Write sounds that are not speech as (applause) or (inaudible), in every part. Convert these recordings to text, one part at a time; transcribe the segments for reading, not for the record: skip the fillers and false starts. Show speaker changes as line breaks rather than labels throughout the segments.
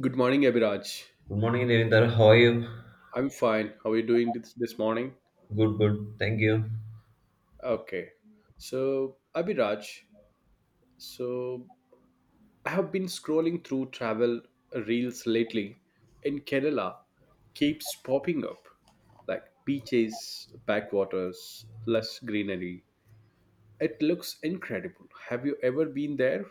Good morning, Abhiraj.
Good morning, Nirinder. How are you?
I'm fine. How are you doing this morning?
Good, good. Thank you.
Okay. So, Abhiraj, so I have been scrolling through travel reels lately, and Kerala keeps popping up like beaches, backwaters, lush greenery. It looks incredible. Have you ever been there?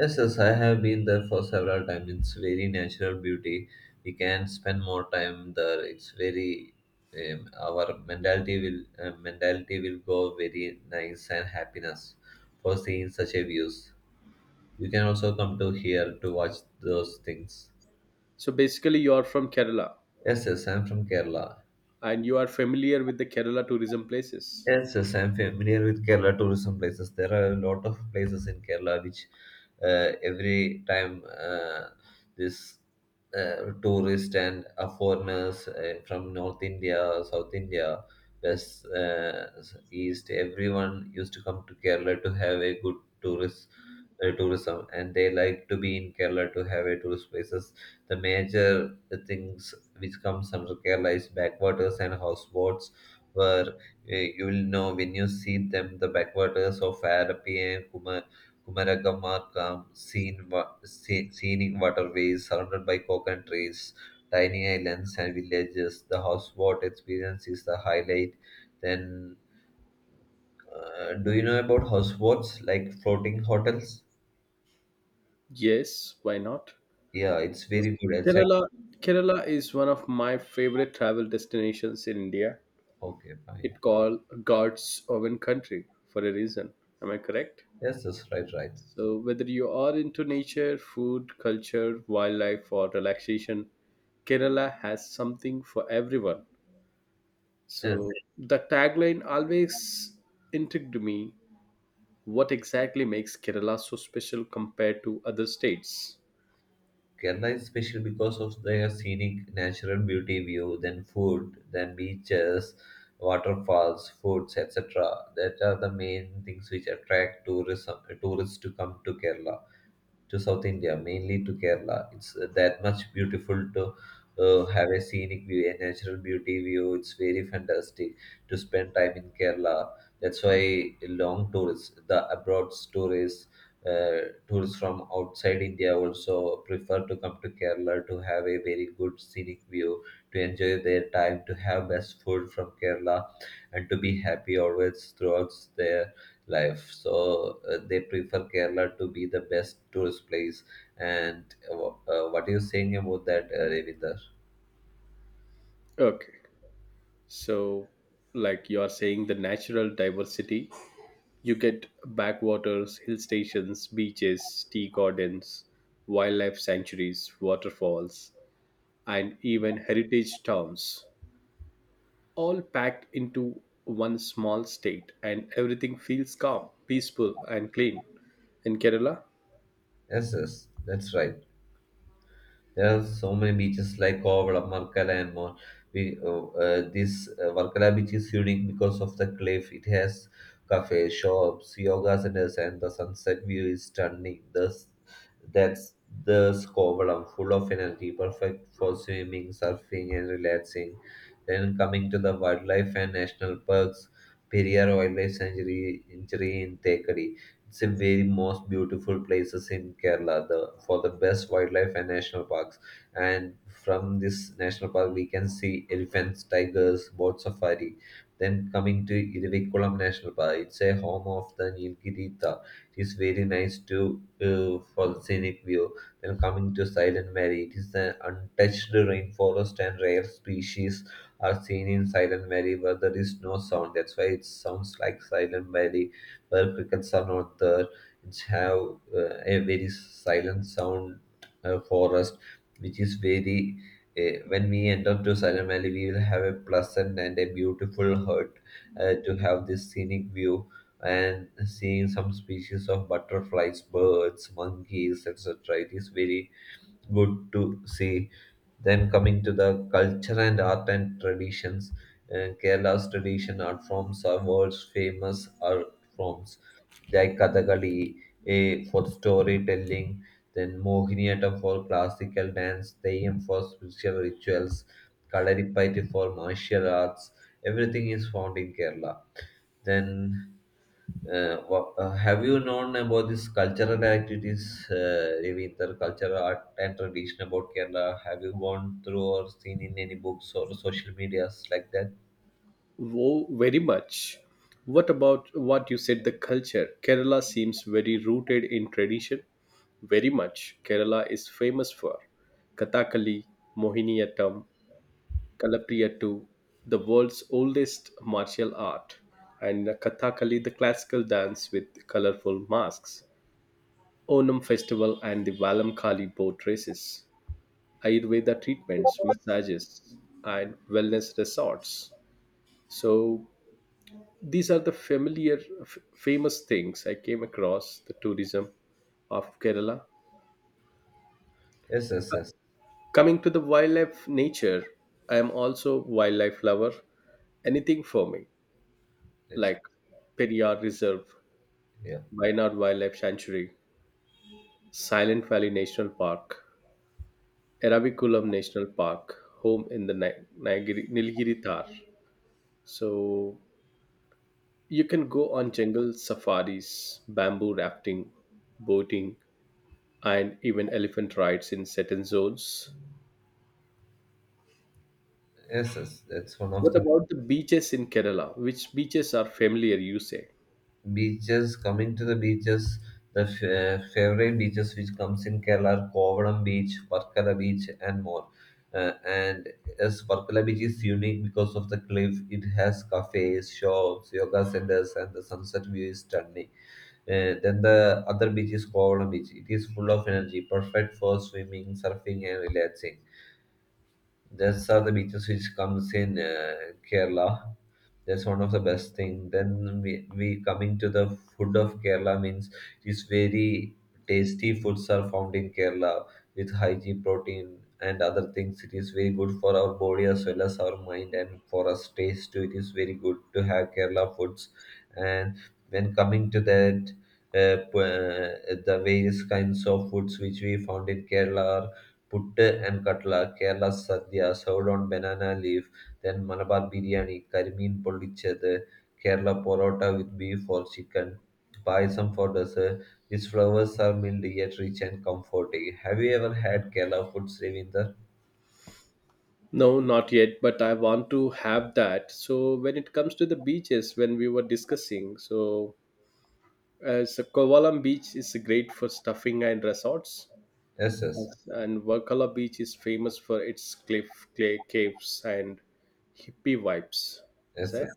Yes, yes, I have been there for several times. It's very natural beauty. We can spend more time there. It's very our mentality will go very nice and happiness for seeing such a views. You can also come to here to watch those things.
So, basically, you are from Kerala
Yes, yes, I'm from Kerala.
and you are familiar with the Kerala tourism places.
Yes, yes, I'm familiar with Kerala tourism places. There are a lot of places in Kerala which every time this tourist and foreigners from North India, South India, West, East, everyone used to come to Kerala to have a good tourist tourism, and they like to be in Kerala to have a tourist places. The major things which comes under Kerala is backwaters and houseboats where you will know when you see them the backwaters of Arapi and Kumaragama come seen, scenic waterways surrounded by coconut trees, tiny islands and villages. The houseboat experience is the highlight. Then, do you know about houseboats like floating hotels?
Yes, why not?
Yeah, it's
Yes.
very good. Exactly.
Kerala, Kerala is one of my favorite travel destinations in India.
Okay, fine.
It called God's own country for a reason. Am I correct?
Yes, that's right, right.
So whether you are into nature, food, culture, wildlife, or relaxation, Kerala has something for everyone. So
Yes.
the tagline always intrigued me. What exactly makes Kerala so special compared to other states?
Kerala is special because of their scenic natural beauty view, then food, then beaches, waterfalls, foods, etc. That are the main things which attract tourism tourists to come to Kerala to South India, mainly to Kerala. It's that much beautiful to have a scenic view, a natural beauty view. It's very fantastic to spend time in Kerala. That's why long tourists, the abroad tourists, tourists from outside India also prefer to come to Kerala to have a very good scenic view, to enjoy their time, to have best food from Kerala, and to be happy always throughout their life. So they prefer Kerala to be the best tourist place. And what are you saying about that, Ravinder?
Okay. So, like you are saying, the natural diversity, you get backwaters, hill stations, beaches, tea gardens, wildlife sanctuaries, waterfalls, and even heritage towns, all packed into one small state, and everything feels calm, peaceful, and clean. In Kerala,
Yes, yes, that's right. There are so many beaches like Kovalam, Markala, and more. We, this Markala beach is unique because of the cliff. It has cafes, shops, yoga centers, and the sunset view is stunning. Thus, that's the Kovalam, full of energy, perfect for swimming, surfing, and relaxing. Then coming to the wildlife and national parks, Periyar Wildlife Sanctuary in Thekadi. It's a very most beautiful places in Kerala the, for the best wildlife and national parks. And from this national park, we can see elephants, tigers, boat safari. Then coming to Irivikulam National Park, it's a home of the Nilgiri Cheetah. It is very nice to for the scenic view. Then coming to Silent Valley, it is an untouched rainforest and rare species are seen in Silent Valley where there is no sound. That's why it sounds like Silent Valley where crickets are not there. It's have a very silent sound forest, which is very. When we enter to Silent Valley, we will have a pleasant and a beautiful hut to have this scenic view and seeing some species of butterflies, birds, monkeys, etc. It is very good to see. Then coming to the culture and art and traditions, Kerala's tradition art forms are world's famous art forms like Kathakali for storytelling, then Mohiniyattam for classical dance, Theyam for spiritual rituals, Kalaripayattu for martial arts. Everything is found in Kerala. Then have you known about these cultural activities, Ravinder, cultural art and tradition about Kerala? Have you gone through or seen in any books or social medias like that?
oh, very much. What about what you said, the culture? Kerala seems very rooted in tradition. Very much. Kerala is famous for Kathakali, Mohiniyattam, Kalapriyattu, the world's oldest martial art, and Kathakali, the classical dance with colorful masks, Onam festival, and the Valam Kali boat races, Ayurveda treatments, massages, and wellness resorts. So, these are the familiar famous things I came across the tourism of Kerala.
Yes, yes, yes.
Coming to the wildlife nature, I am also wildlife lover, anything for me
It's,
like Periyar Reserve,
yeah.
Wayanad Wildlife Sanctuary, Silent Valley National Park, Eraviculam National Park, home in the Nilgiri Tar. So you can go on jungle safaris, bamboo rafting, boating, and even elephant rides in certain zones.
Yes, yes. That's one of
What
the
about the beaches in Kerala? Which beaches are familiar, you say?
beaches. Coming to the beaches, the favorite beaches which comes in Kerala are Kovalam Beach, Varkala Beach, and more. And as Varkala Beach is unique because of the cliff, it has cafes, shops, yoga centers, and the sunset view is stunning. Then the other beach is Kovalam Beach. It is full of energy, perfect for swimming, surfing, and relaxing. Those are the beaches which comes in Kerala. That's one of the best thing. Then we coming to the food of Kerala means it's very tasty foods are found in Kerala with hygiene protein and other things. It is very good for our body as well as our mind and for us taste too. It is very good to have Kerala foods. And when coming to that, the various kinds of foods which we found in Kerala putte and katla, Kerala sadhya, served on banana leaf, then Malabar biryani, curry mean pollichede, Kerala porota with beef or chicken, payasam for dessert. These flowers are mild yet rich and comforting. Have you ever had Kerala food, Srivinder?
No, not yet, but I want to have that. So, when it comes to the beaches, when we were discussing, so as a Kovalam beach is great for stuffing and resorts.
Yes, yes, yes.
Yes. And Varkala beach is famous for its cliff, clay caves, and hippie vibes. Is that?
Yes.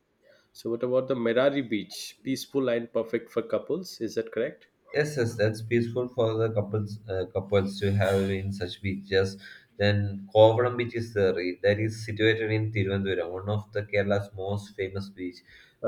So, what about the Merari beach? Peaceful and perfect for couples, is that correct?
Yes, yes, that's peaceful for the couples couples to have in such beaches. Then Kovalam beach is there. That is situated in Tiruvandura, one of the Kerala's most famous beach,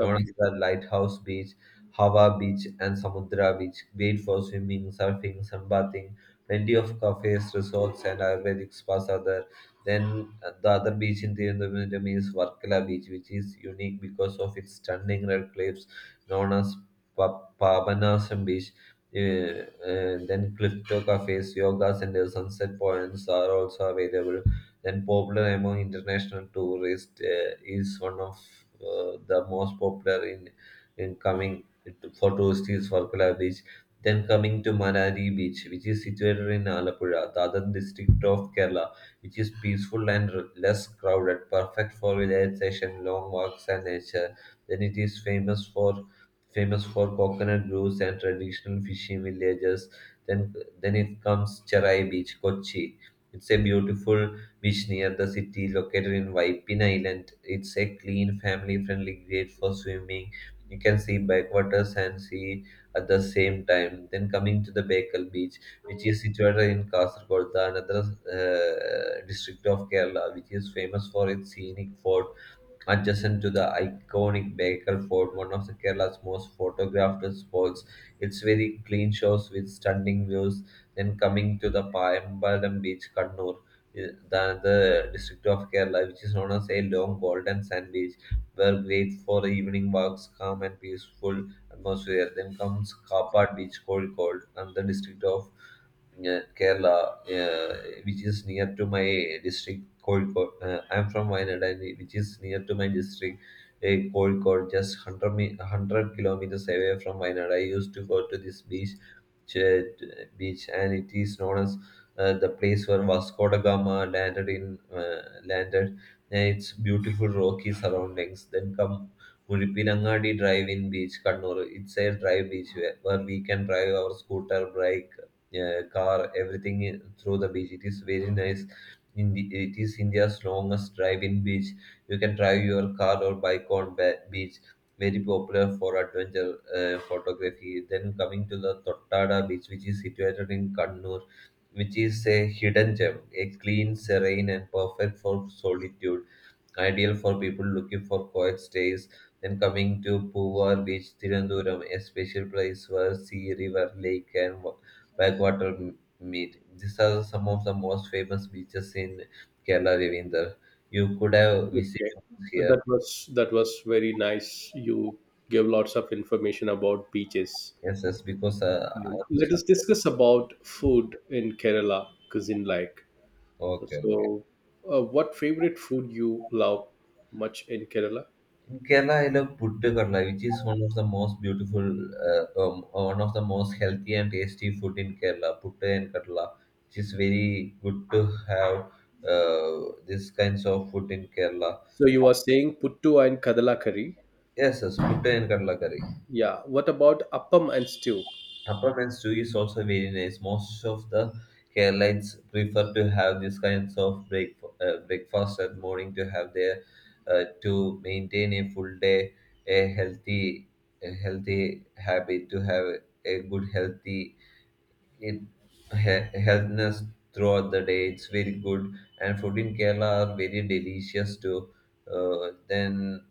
known as the Lighthouse Beach, Hava Beach, and Samudra Beach. Great for swimming, surfing, sunbathing. Plenty of cafes, resorts, and Ayurvedic spas are there. Then the other beach in Tiruvandrum is Varkala Beach, which is unique because of its stunning red cliffs, known as Pabanasam Beach. And then crypto cafes, yoga centers, sunset points are also available. Then popular among international tourists is one of the most popular in coming for tourists is Varkala Beach. Then coming to Manari Beach, which is situated in Alapura, the other district of Kerala, which is peaceful and less crowded, perfect for relaxation, long walks, and nature. Then it is famous for coconut groves and traditional fishing villages. Then, then, it comes Cherai Beach, Kochi. It's a beautiful beach near the city, located in Waipin Island. It's a clean, family-friendly, great for swimming. You can see backwaters and sea at the same time. Then coming to the Baikal Beach, which is situated in Kasargod, the another district of Kerala, which is famous for its scenic fort adjacent to the iconic Baikal Fort, one of the Kerala's most photographed spots. It's very clean shores with stunning views. Then coming to the Paimbalam Beach, Kannur, the another district of Kerala, which is known as a long golden sand beach, were great for evening walks, calm and peaceful atmosphere. Then comes Kappad Beach, Kozhikode, and the district of Kerala, which is near to my district, Kozhikode. I'm from Wayanad, and which is near to my district, Kozhikode, just 100, 100 kilometers away from Wayanad. I used to go to this beach, ch- beach, and it is known as the place where Vasco da Gama landed in uh, landed. It's beautiful rocky surroundings. Then come Muzhappilangadi drive in beach Kannur it side drive beach where we can drive our scooter, bike car, everything through the beach. It is very nice. In the, it is India's longest drive-in beach. You can drive your car or bike on beach. Very popular for adventure photography. Then coming to the Tottada beach, which is situated in Kannur, which is a hidden gem, a clean, serene, and perfect for solitude ideal for people looking for quiet stays. Then coming to Puvar Beach, Tirunduram, a special place where sea, river, lake, and backwater meet. These are some of the most famous beaches in Kerala, Ravinder. You could have
Okay,
visited here.
that was very nice. You gave lots of information about beaches.
Yes, yes, because I'm
Let
so-
us discuss about food in Kerala cuisine, like
Okay. Okay.
so. What favorite food you love much in Kerala?
Kerala, I love puttu kadla, which is one of the most one of the most healthy and tasty food in Kerala. Puttu and kadla, which is very good to have these kinds of food in Kerala.
So you are saying puttu and kadala curry.
Yes, yes, puttu and kadla curry.
Yeah. What about appam and stew?
Peppermint stew is also very nice. Most of the Carolites prefer to have these kinds of breakfast at morning to have their to maintain a full day, a healthy, a healthy habit to have a good healthy it, healthiness throughout the day. It's very good, and food in Kerala are very delicious too. Uh, then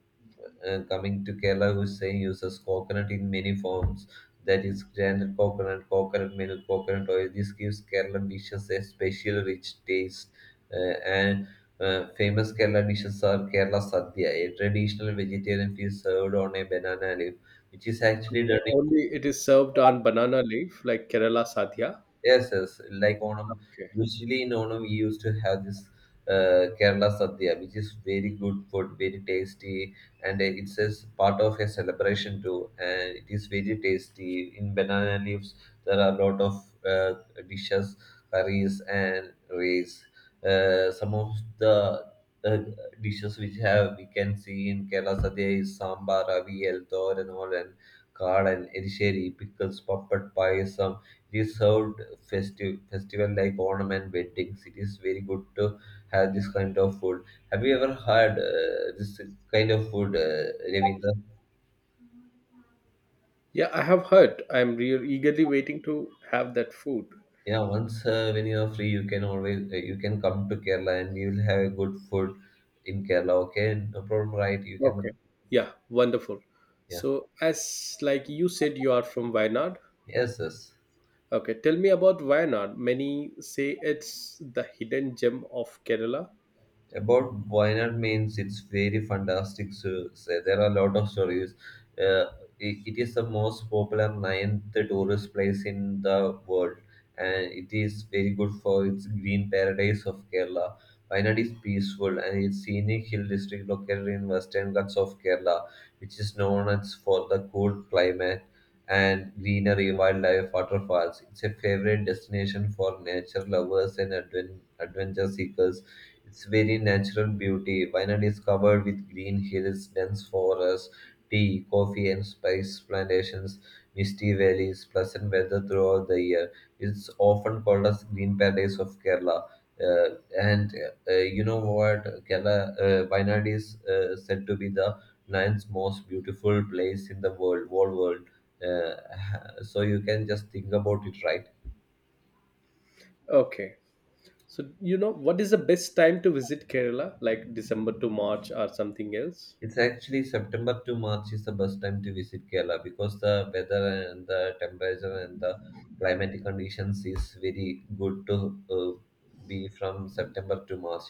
uh, coming to Kerala, Hussain uses coconut in many forms. That is granite coconut, coconut milk, coconut oil. This gives Kerala dishes a special rich taste. And famous Kerala dishes are Kerala Sadhya, a traditional vegetarian feast served on a banana leaf, which is actually
Okay.
done.
Only it is served on banana leaf like Kerala sadhya.
Yes, yes, like Onam.
Okay.
Usually in Onam, we used to have this Kerala Sadhya, which is very good food, very tasty, and it's as part of a celebration too. And it is very tasty. In banana leaves, there are a lot of dishes, curries, and rice. Some of the uh, dishes which have we can see in Kerala Sadhya is sambar, avial, and all, and curd and erisheri, pickles, puppet, pie, it is served festive festival like Onam and weddings. It is very good to have this kind of food. Have you ever had this kind of food, Ravindra?
Yeah, I have heard. I'm real eagerly waiting to have that food.
Yeah, once when you are free, you can always you can come to Kerala and you will have good food in Kerala. Okay, no problem, right? You can
Okay. Yeah, wonderful.
yeah.
So, as like you said, you are from Wayanad.
Yes, yes.
Okay, tell me about Wayanad. Many say it's the hidden gem of Kerala.
About Wayanad means it's very fantastic. So there are a lot of stories. Uh, it is the most popular ninth tourist place in the world, and it is very good for its green paradise of Kerala. Wayanad is peaceful and it's scenic hill district located in western Ghats of Kerala, which is known as for the cool climate and greenery, wildlife, waterfalls. It's a favorite destination for nature lovers and adventure seekers, it's very natural beauty. Wayanad is covered with green hills, dense forests, tea, coffee, and spice plantations, misty valleys, pleasant weather throughout the year. It's often called as Green Paradise of Kerala. And you know what? Kerala, Wayanad is said to be the ninth most beautiful place in the world, whole world. (laughs) So you can just think about it, right?
Okay. So, you know, what is the best time to visit Kerala? Like December to March or something else?
It's actually September to March is the best time to visit Kerala because the weather and the temperature and the climatic conditions is very good to uh, be from September to March.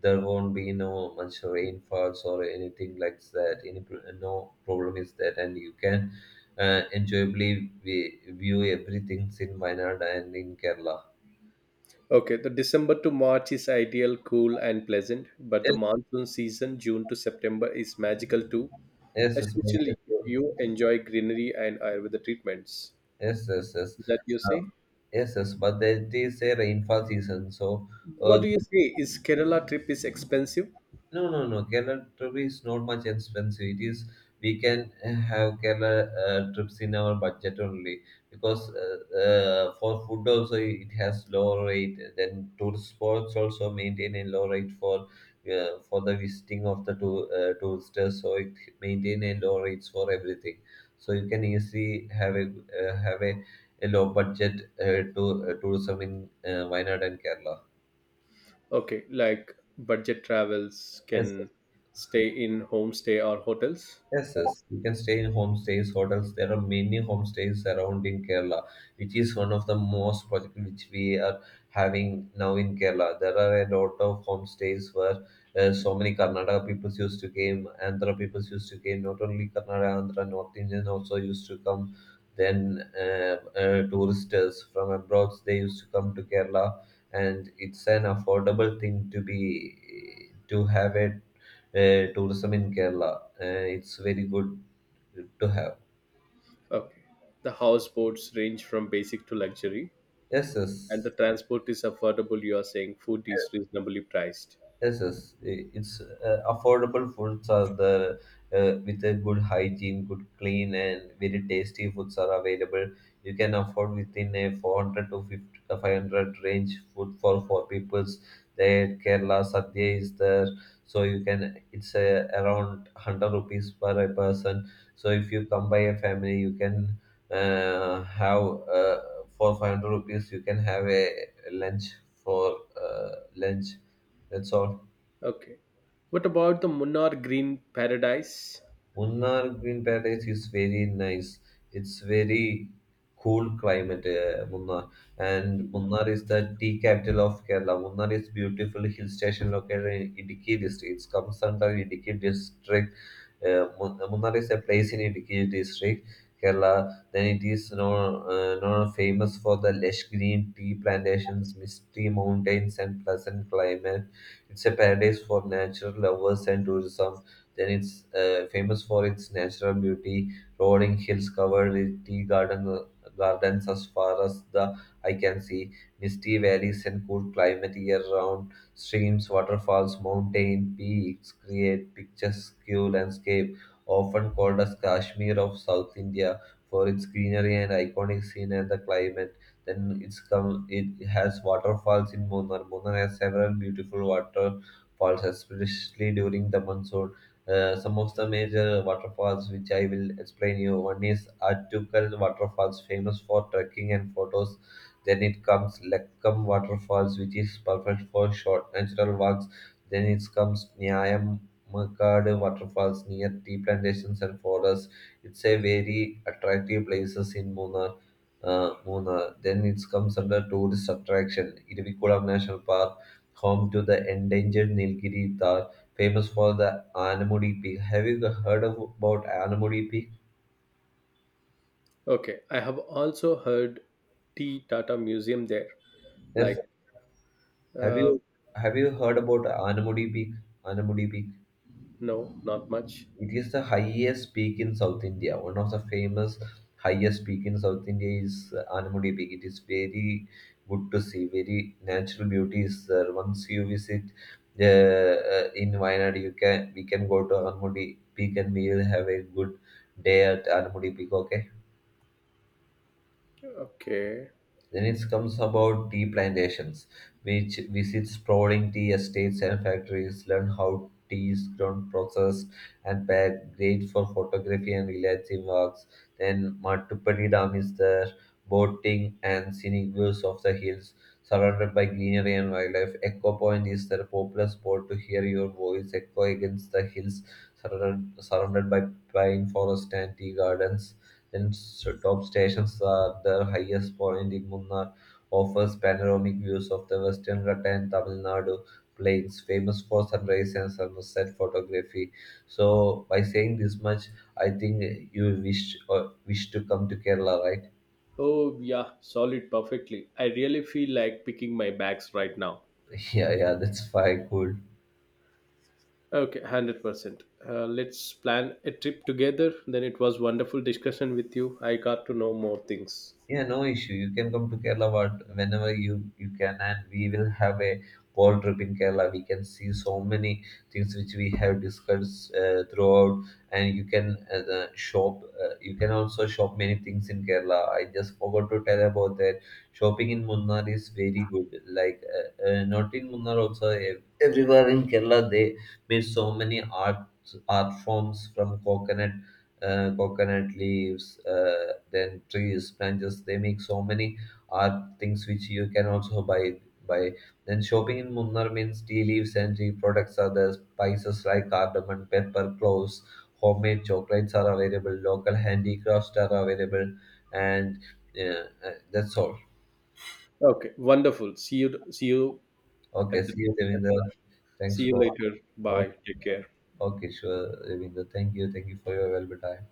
There won't be no much rainfalls or anything like that. Any no problem is that, and you can enjoyably view everything in Wayanad and in Kerala.
Okay, the December to March is ideal, cool, and pleasant, but the
Yes,
monsoon season, June to September, is magical too,
yes, yes,
especially if you enjoy greenery and Ayurveda treatments.
yes, yes, yes.
Is that you say?
Yes, yes, but there is a rainfall season, so
What
uh,
do you say? Is Kerala trip is expensive?
no, no, no. Kerala trip is not much expensive. It is we can have Kerala trips in our budget only because for food also it has low rate. Then tourist spots also maintain a low rate for the visiting of the tour, tourists. So it maintain a low rates for everything. So you can easily have uh, have a, a low budget to tourism in Wayanad and Kerala.
Okay, like budget travels
Yes,
can stay in homestay or hotels.
yes, yes, you can stay in homestays, hotels. There are many homestays around in Kerala, which is one of the most project which we are having now in Kerala. There are a lot of homestays where so many Karnataka people used to came, Andhra people used to came. Not only Karnataka, Andhra, North Indian also used to come. Then tourists from abroad they used to come to Kerala, and it's an affordable thing to be to have it tourism in Kerala. It's very good to have.
Okay. The houseboats range from basic to luxury
Yes,
and
yes.
the transport is affordable. You are saying food is reasonably priced.
Yes, yes. It's affordable foods are the with a good hygiene, good clean, and very tasty foods are available. You can afford within a 400 to 50, 500 range food for four peoples. There, Kerala Sadhya is there, so you can it's around 100 rupees per a person. So if you come by a family, you can have uh, for 500 rupees, you can have a lunch for uh, lunch. That's all.
Okay. What about the Munnar Green Paradise?
Munnar Green Paradise is very nice. It's very cool climate, Munnar. And Munnar is the tea capital of Kerala. Munnar is beautiful hill station located in Idiki district. It comes under Idiki district. Munnar is a place in Idiki district, Kerala. Then it is known, known famous for the lush green tea plantations, misty mountains, and pleasant climate. It's a paradise for nature lovers and tourism, then it's famous for its natural beauty, rolling hills covered with tea garden, gardens as far as the eye can see, misty valleys and cool climate year-round, streams, waterfalls, mountain peaks create picturesque landscape, often called as Kashmir of South India for its greenery and iconic scene and the climate. Then it's come. It has waterfalls in Munnar. Munnar has several beautiful waterfalls, especially during the monsoon, some of the major waterfalls which I will explain you. One is Atukal waterfalls, famous for trekking and photos. Then it comes Lekkam waterfalls, which is perfect for short natural walks. Then it comes Nyayam waterfalls near tea plantations and forests. It's a very attractive places in Munnar. Munnar. Then it comes under tourist attraction, Irivikulam National Park, home to the endangered Nilgiri, famous for the Anamudi Peak. Have you heard of, about Anamudi Peak?
Okay, I have also heard T Tata Museum there.
Yes.
Like,
Have
uh,
you have you heard about Anamudi Peak? Anamudi Peak.
no, not much.
It is the highest peak in South India. One of the famous highest peak in South India is Anamudi Peak. It is very good to see. Very natural beauty is there. Once you visit in Wayanad, you can we can go to Anamudi Peak and we will have a good day at Anamudi Peak. Okay.
Okay.
Then it comes about tea plantations, which visit sprawling tea estates and factories, learn how tea is grown, processed, and packed. Great for photography and relaxing walks. Then Mattupalli Dam is there, boating and scenic views of the hills, surrounded by greenery and wildlife. Echo Point is there, a popular spot to hear your voice echo against the hills, surrounded by pine forest and tea gardens. Then top stations are the highest point in Munnar, offers panoramic views of the western Ghats and Tamil Nadu plains, famous for sunrise and sunset photography. So by saying this much, I think you wish wish to come to Kerala, right?
Oh, yeah, solid perfectly. I really feel like picking my bags right now.
(laughs) Yeah, yeah, that's fine, cool.
Okay, 100%. Let's plan a trip together. Then it was wonderful discussion with you. I got to know more things.
Yeah, no issue. You can come to Kerala whenever you you can, and we will have a whole trip in Kerala. We can see so many things which we have discussed throughout, and you can the shop. You can also shop many things in Kerala. I just forgot to tell about that. Shopping in Munnar is very good. Like not in Munnar also, everywhere in Kerala they made so many art forms from coconut, coconut leaves, then trees, branches. They make so many art things which you can also buy. Buy. Then shopping in Munnar means tea leaves and tea products are there. Spices like cardamom, pepper, cloves, homemade chocolates are available. Local handicrafts are available, and yeah, that's all.
Okay, wonderful. See you
Okay,
at the
see you, Devinder.
see
Thanks
you
for.
later.
Okay,
Bye. Take care.
okay, sure, Devinder. Thank you for your valuable time.